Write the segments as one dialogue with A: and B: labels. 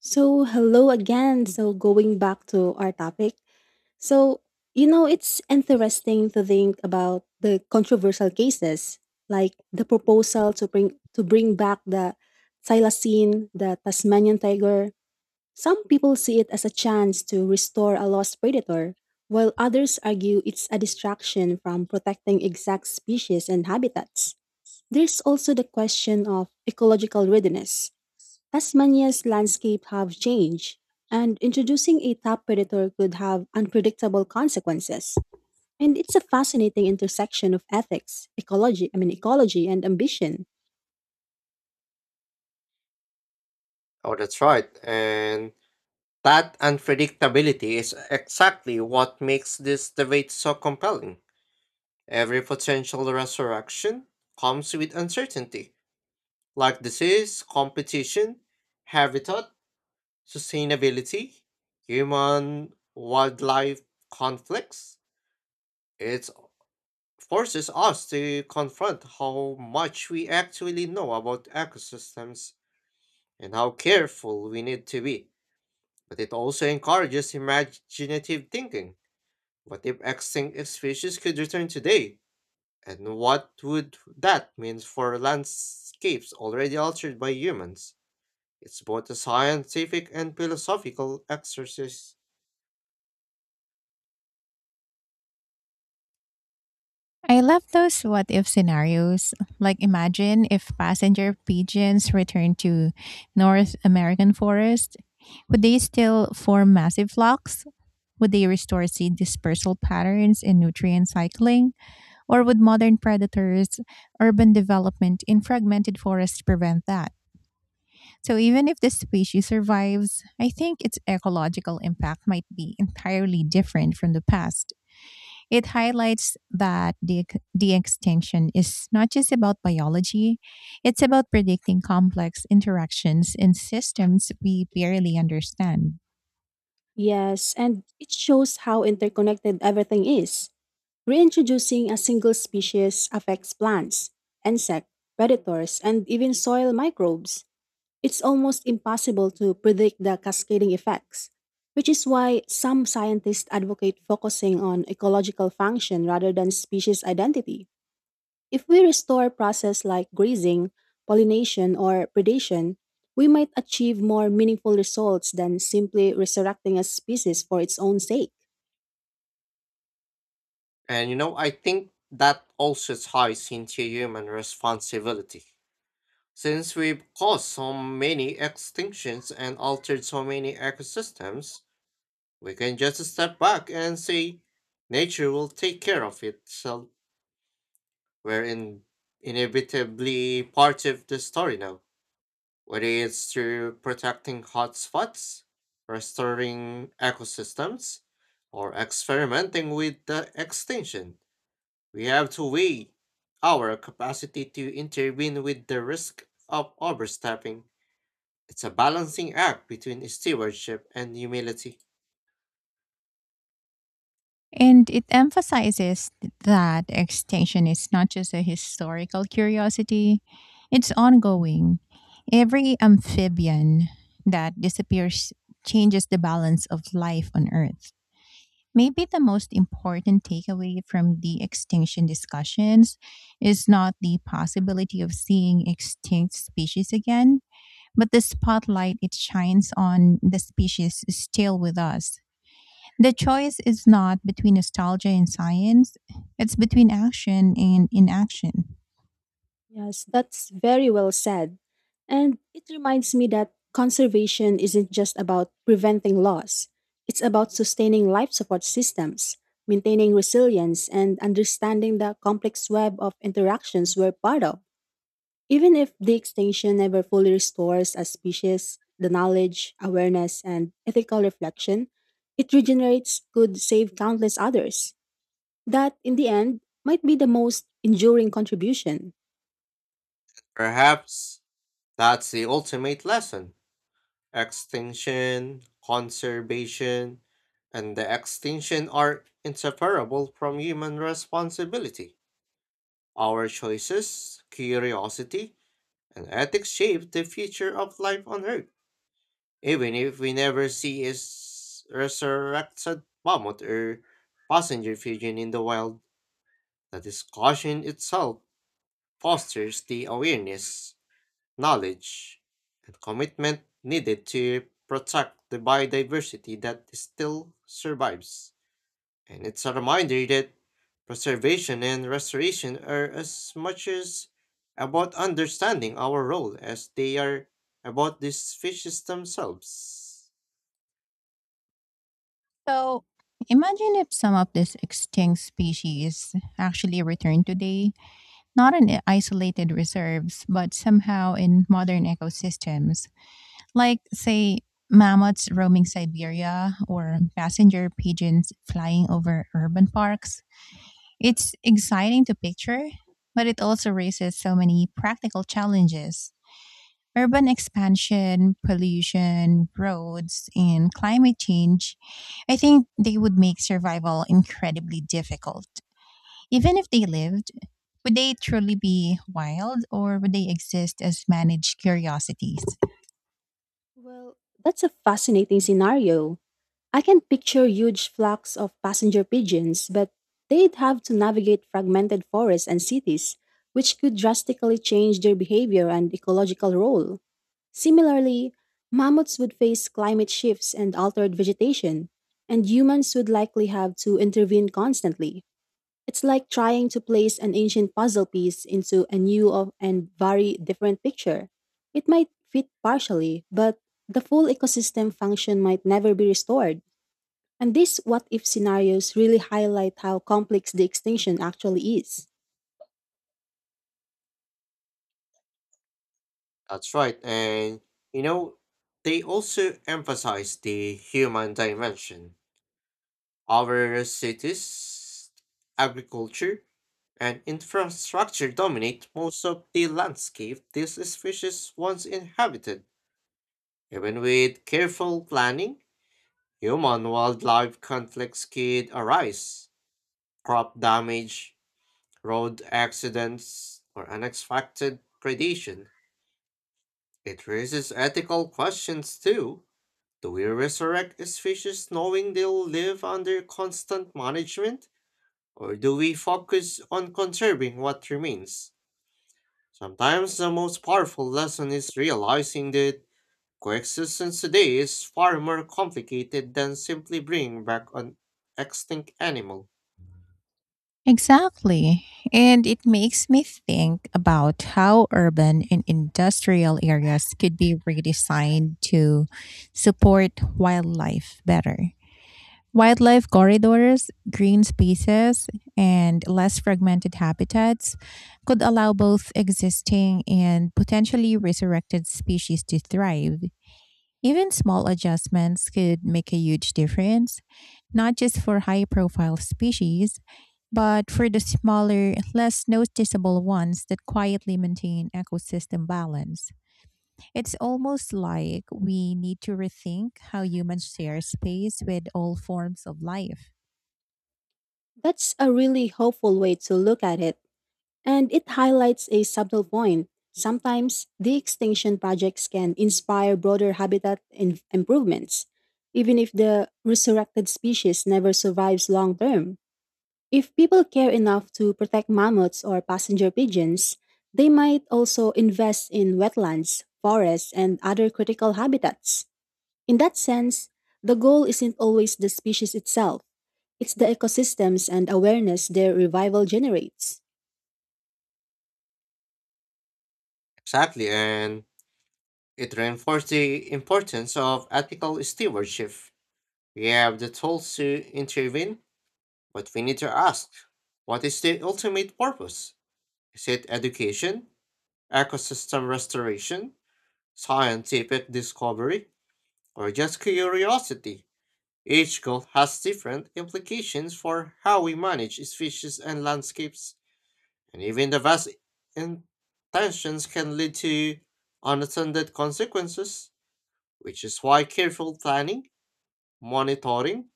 A: So, hello again. So, going back to our topic. So, it's interesting to think about the controversial cases, like the proposal to bring back the thylacine, the Tasmanian tiger. Some people see it as a chance to restore a lost predator, while others argue it's a distraction from protecting exact species and habitats. There's also the question of ecological readiness. Tasmania's landscape have changed, and introducing a top predator could have unpredictable consequences. And it's a fascinating intersection of ethics, ecology, I mean ecology and ambition.
B: Oh, that's right. And that unpredictability is exactly what makes this debate so compelling. Every potential resurrection comes with uncertainty, like disease, competition, habitat, sustainability, human wildlife conflicts. It forces us to confront how much we actually know about ecosystems and how careful we need to be, but it also encourages imaginative thinking. What if extinct species could return today? And what would that mean for landscapes already altered by humans? It's both a scientific and philosophical exercise.
C: I love those what if scenarios. Like, imagine if passenger pigeons returned to North American forest. Would they still form massive flocks? Would they restore seed dispersal patterns and nutrient cycling? Or would modern predators, urban development in fragmented forests prevent that? So, even if the species survives, I think its ecological impact might be entirely different from the past. It highlights that the extinction is not just about biology, it's about predicting complex interactions in systems we barely understand.
A: Yes, and it shows how interconnected everything is. Reintroducing a single species affects plants, insect, predators, and even soil microbes. It's almost impossible to predict the cascading effects, which is why some scientists advocate focusing on ecological function rather than species identity. If we restore processes like grazing, pollination, or predation, we might achieve more meaningful results than simply resurrecting a species for its own sake.
B: And you know, I think that also ties into human responsibility. Since we've caused so many extinctions and altered so many ecosystems, we can just step back and say, nature will take care of itself. We're in, inevitably part of the story now, whether it's through protecting hotspots, restoring ecosystems, or experimenting with the extinction. We have to weigh our capacity to intervene with the risk of overstepping. It's a balancing act between stewardship and humility.
C: And it emphasizes that extinction is not just a historical curiosity, it's ongoing. Every amphibian that disappears changes the balance of life on Earth. Maybe the most important takeaway from the extinction discussions is not the possibility of seeing extinct species again, but the spotlight it shines on the species still with us. The choice is not between nostalgia and science, it's between action and inaction.
A: Yes, that's very well said. And it reminds me that conservation isn't just about preventing loss, it's about sustaining life support systems, maintaining resilience, and understanding the complex web of interactions we're part of. Even if the extinction never fully restores a species, the knowledge, awareness, and ethical reflection it regenerates could save countless others. That, in the end, might be the most enduring contribution.
B: Perhaps that's the ultimate lesson. Extinction, conservation, and the extinction are inseparable from human responsibility. Our choices, curiosity, and ethics shape the future of life on Earth. Even if we never see a resurrected mammoth or passenger pigeon in the wild, the discussion itself fosters the awareness knowledge, and commitment needed to protect the biodiversity that still survives. And it's a reminder that preservation and restoration are as much as about understanding our role as they are about these fishes themselves.
C: So, imagine if some of this extinct species actually returned today, not in isolated reserves, but somehow in modern ecosystems, like say mammoths roaming Siberia or passenger pigeons flying over urban parks. It's exciting to picture, but it also raises so many practical challenges. Urban expansion, pollution, roads, and climate change, I think they would make survival incredibly difficult. Even if they lived, would they truly be wild or would they exist as managed curiosities?
A: Well, that's a fascinating scenario. I can picture huge flocks of passenger pigeons, but they'd have to navigate fragmented forests and cities, which could drastically change their behavior and ecological role. Similarly, mammoths would face climate shifts and altered vegetation, and humans would likely have to intervene constantly. It's like trying to place an ancient puzzle piece into a and very different picture. It might fit partially, but the full ecosystem function might never be restored. And these what if scenarios really highlight how complex the extinction actually is.
B: That's right, and you know, they also emphasize the human dimension. Our cities, agriculture, and infrastructure dominate most of the landscape this species once inhabited. Even with careful planning, human wildlife conflicts could arise. Crop damage, road accidents, or unexpected predation. It raises ethical questions too. Do we resurrect species knowing they'll live under constant management? Or do we focus on conserving what remains? Sometimes the most powerful lesson is realizing that coexistence today is far more complicated than simply bringing back an extinct animal.
C: Exactly. And it makes me think about how urban and industrial areas could be redesigned to support wildlife better. Wildlife corridors, green spaces, and less fragmented habitats could allow both existing and potentially resurrected species to thrive. Even small adjustments could make a huge difference, not just for high profile species, but for the smaller, less noticeable ones that quietly maintain ecosystem balance. It's almost like we need to rethink how humans share space with all forms of life.
A: That's a really hopeful way to look at it. And it highlights a subtle point. Sometimes the extinction projects can inspire broader habitat improvements, even if the resurrected species never survives long term. If people care enough to protect mammoths or passenger pigeons, they might also invest in wetlands, forests, and other critical habitats. In that sense, the goal isn't always the species itself, it's the ecosystems and awareness their revival generates.
B: Exactly, and it reinforces the importance of ethical stewardship. We have the tools to intervene, but we need to ask, what is the ultimate purpose? Is it education, ecosystem restoration, scientific discovery? Or just curiosity. Each goal has different implications for how we manage species and landscapes, and even the best intentions can lead to unintended consequences, which is why careful planning, monitoring,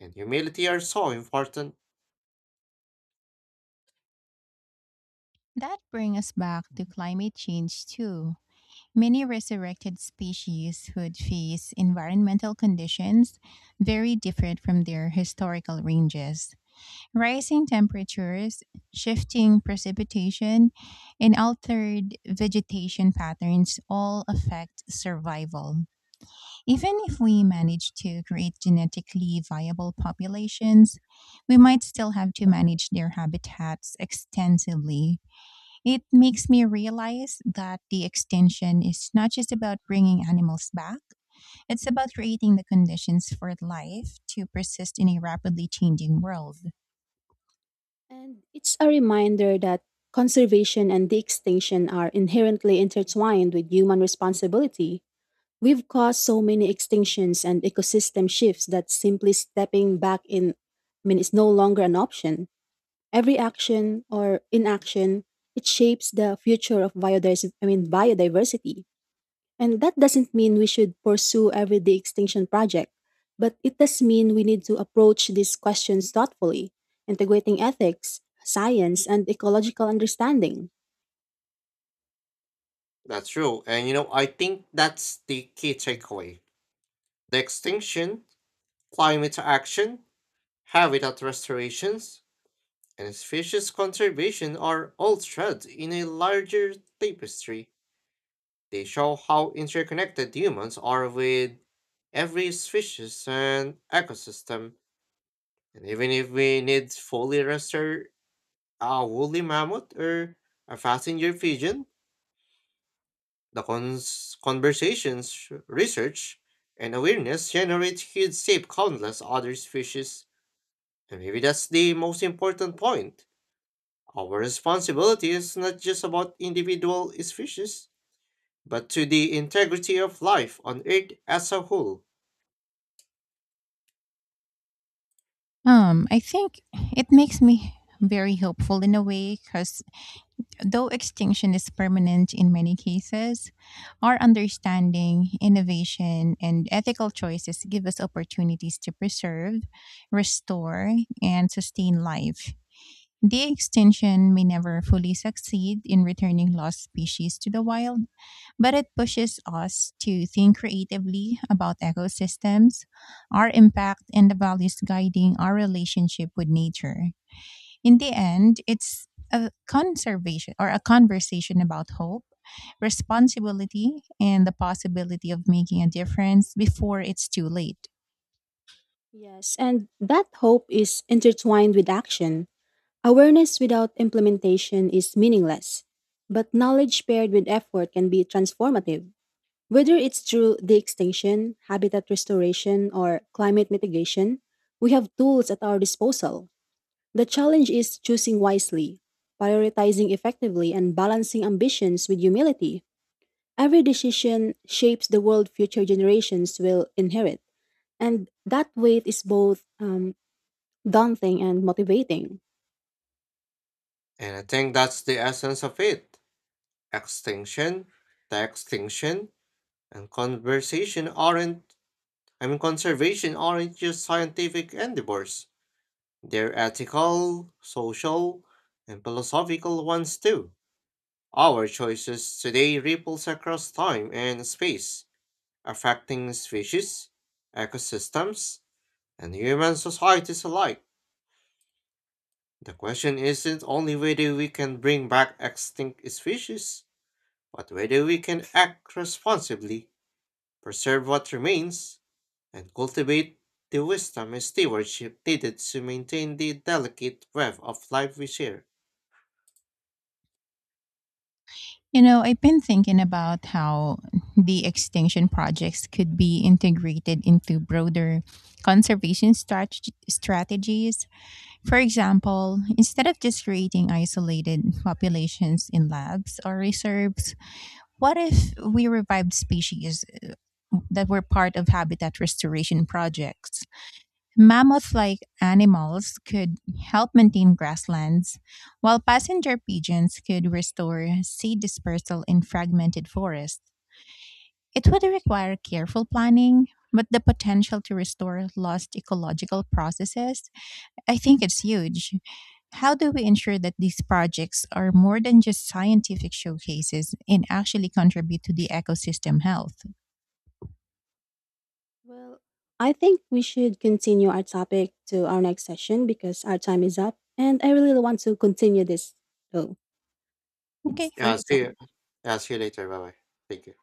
B: and humility are so important.
C: That brings us back to climate change, too. Many resurrected species would face environmental conditions very different from their historical ranges. Rising temperatures, shifting precipitation, and altered vegetation patterns all affect survival. Even if we manage to create genetically viable populations, we might still have to manage their habitats extensively. It makes me realize that the extinction is not just about bringing animals back, it's about creating the conditions for life to persist in a rapidly changing world.
A: And it's a reminder that conservation and de extinction are inherently intertwined with human responsibility. We've caused so many extinctions and ecosystem shifts that simply stepping back in I mean is no longer an option. Every action or inaction it shapes the future of biodiversity. And that doesn't mean we should pursue every day extinction project, but it does mean we need to approach these questions thoughtfully, integrating ethics, science, and ecological understanding.
B: That's true, and you know, I think that's the key takeaway. The extinction, climate action, habitat restorations, and species conservation are all threads in a larger tapestry. They show how interconnected humans are with every species and ecosystem. And even if we need fully restore a woolly mammoth or a passenger pigeon, the conversations, research, and awareness generate huge shape countless other species. And maybe that's the most important point. Our responsibility is not just about individual species, but to the integrity of life on Earth as a whole.
C: I think it makes me very hopeful in a way because though extinction is permanent in many cases, our understanding, innovation, and ethical choices give us opportunities to preserve, restore, and sustain life. The extinction may never fully succeed in returning lost species to the wild, but it pushes us to think creatively about ecosystems, our impact, and the values guiding our relationship with nature. In the end, it's a conservation or a conversation about hope, responsibility, and the possibility of making a difference before it's too late.
A: Yes, and that hope is intertwined with action. Awareness without implementation is meaningless, but knowledge paired with effort can be transformative. Whether it's through de extinction, habitat restoration, or climate mitigation, we have tools at our disposal. The challenge is choosing wisely, prioritizing effectively, and balancing ambitions with humility. Every decision shapes the world future generations will inherit, and that weight is both daunting and motivating.
B: And I think that's the essence of it. Extinction, the extinction, and conversation aren't, I mean, conservation aren't just scientific endeavors. They're ethical, social, and philosophical ones too. Our choices today ripples across time and space, affecting species, ecosystems, and human societies alike. The question isn't only whether we can bring back extinct species, but whether we can act responsibly, preserve what remains, and cultivate the wisdom and stewardship needed to maintain the delicate web of life we share.
C: You know, I've been thinking about how the extinction projects could be integrated into broader conservation strategies. For example, instead of just creating isolated populations in labs or reserves, what if we revived species that were part of habitat restoration projects? Mammoth like animals could help maintain grasslands, while passenger pigeons could restore seed dispersal in fragmented forests. It would require careful planning, but the potential to restore lost ecological processes, I think it's huge. How do we ensure that these projects are more than just scientific showcases and actually contribute to the ecosystem health?
A: Well, I think we should continue our topic to our next session because our time is up, and I really want to continue this. So,
C: Okay,
A: yes,
B: Yeah,
A: thank
B: I'll
A: you so
B: see you.
A: much.
B: Yeah, I'll see you later. Bye bye. Thank you.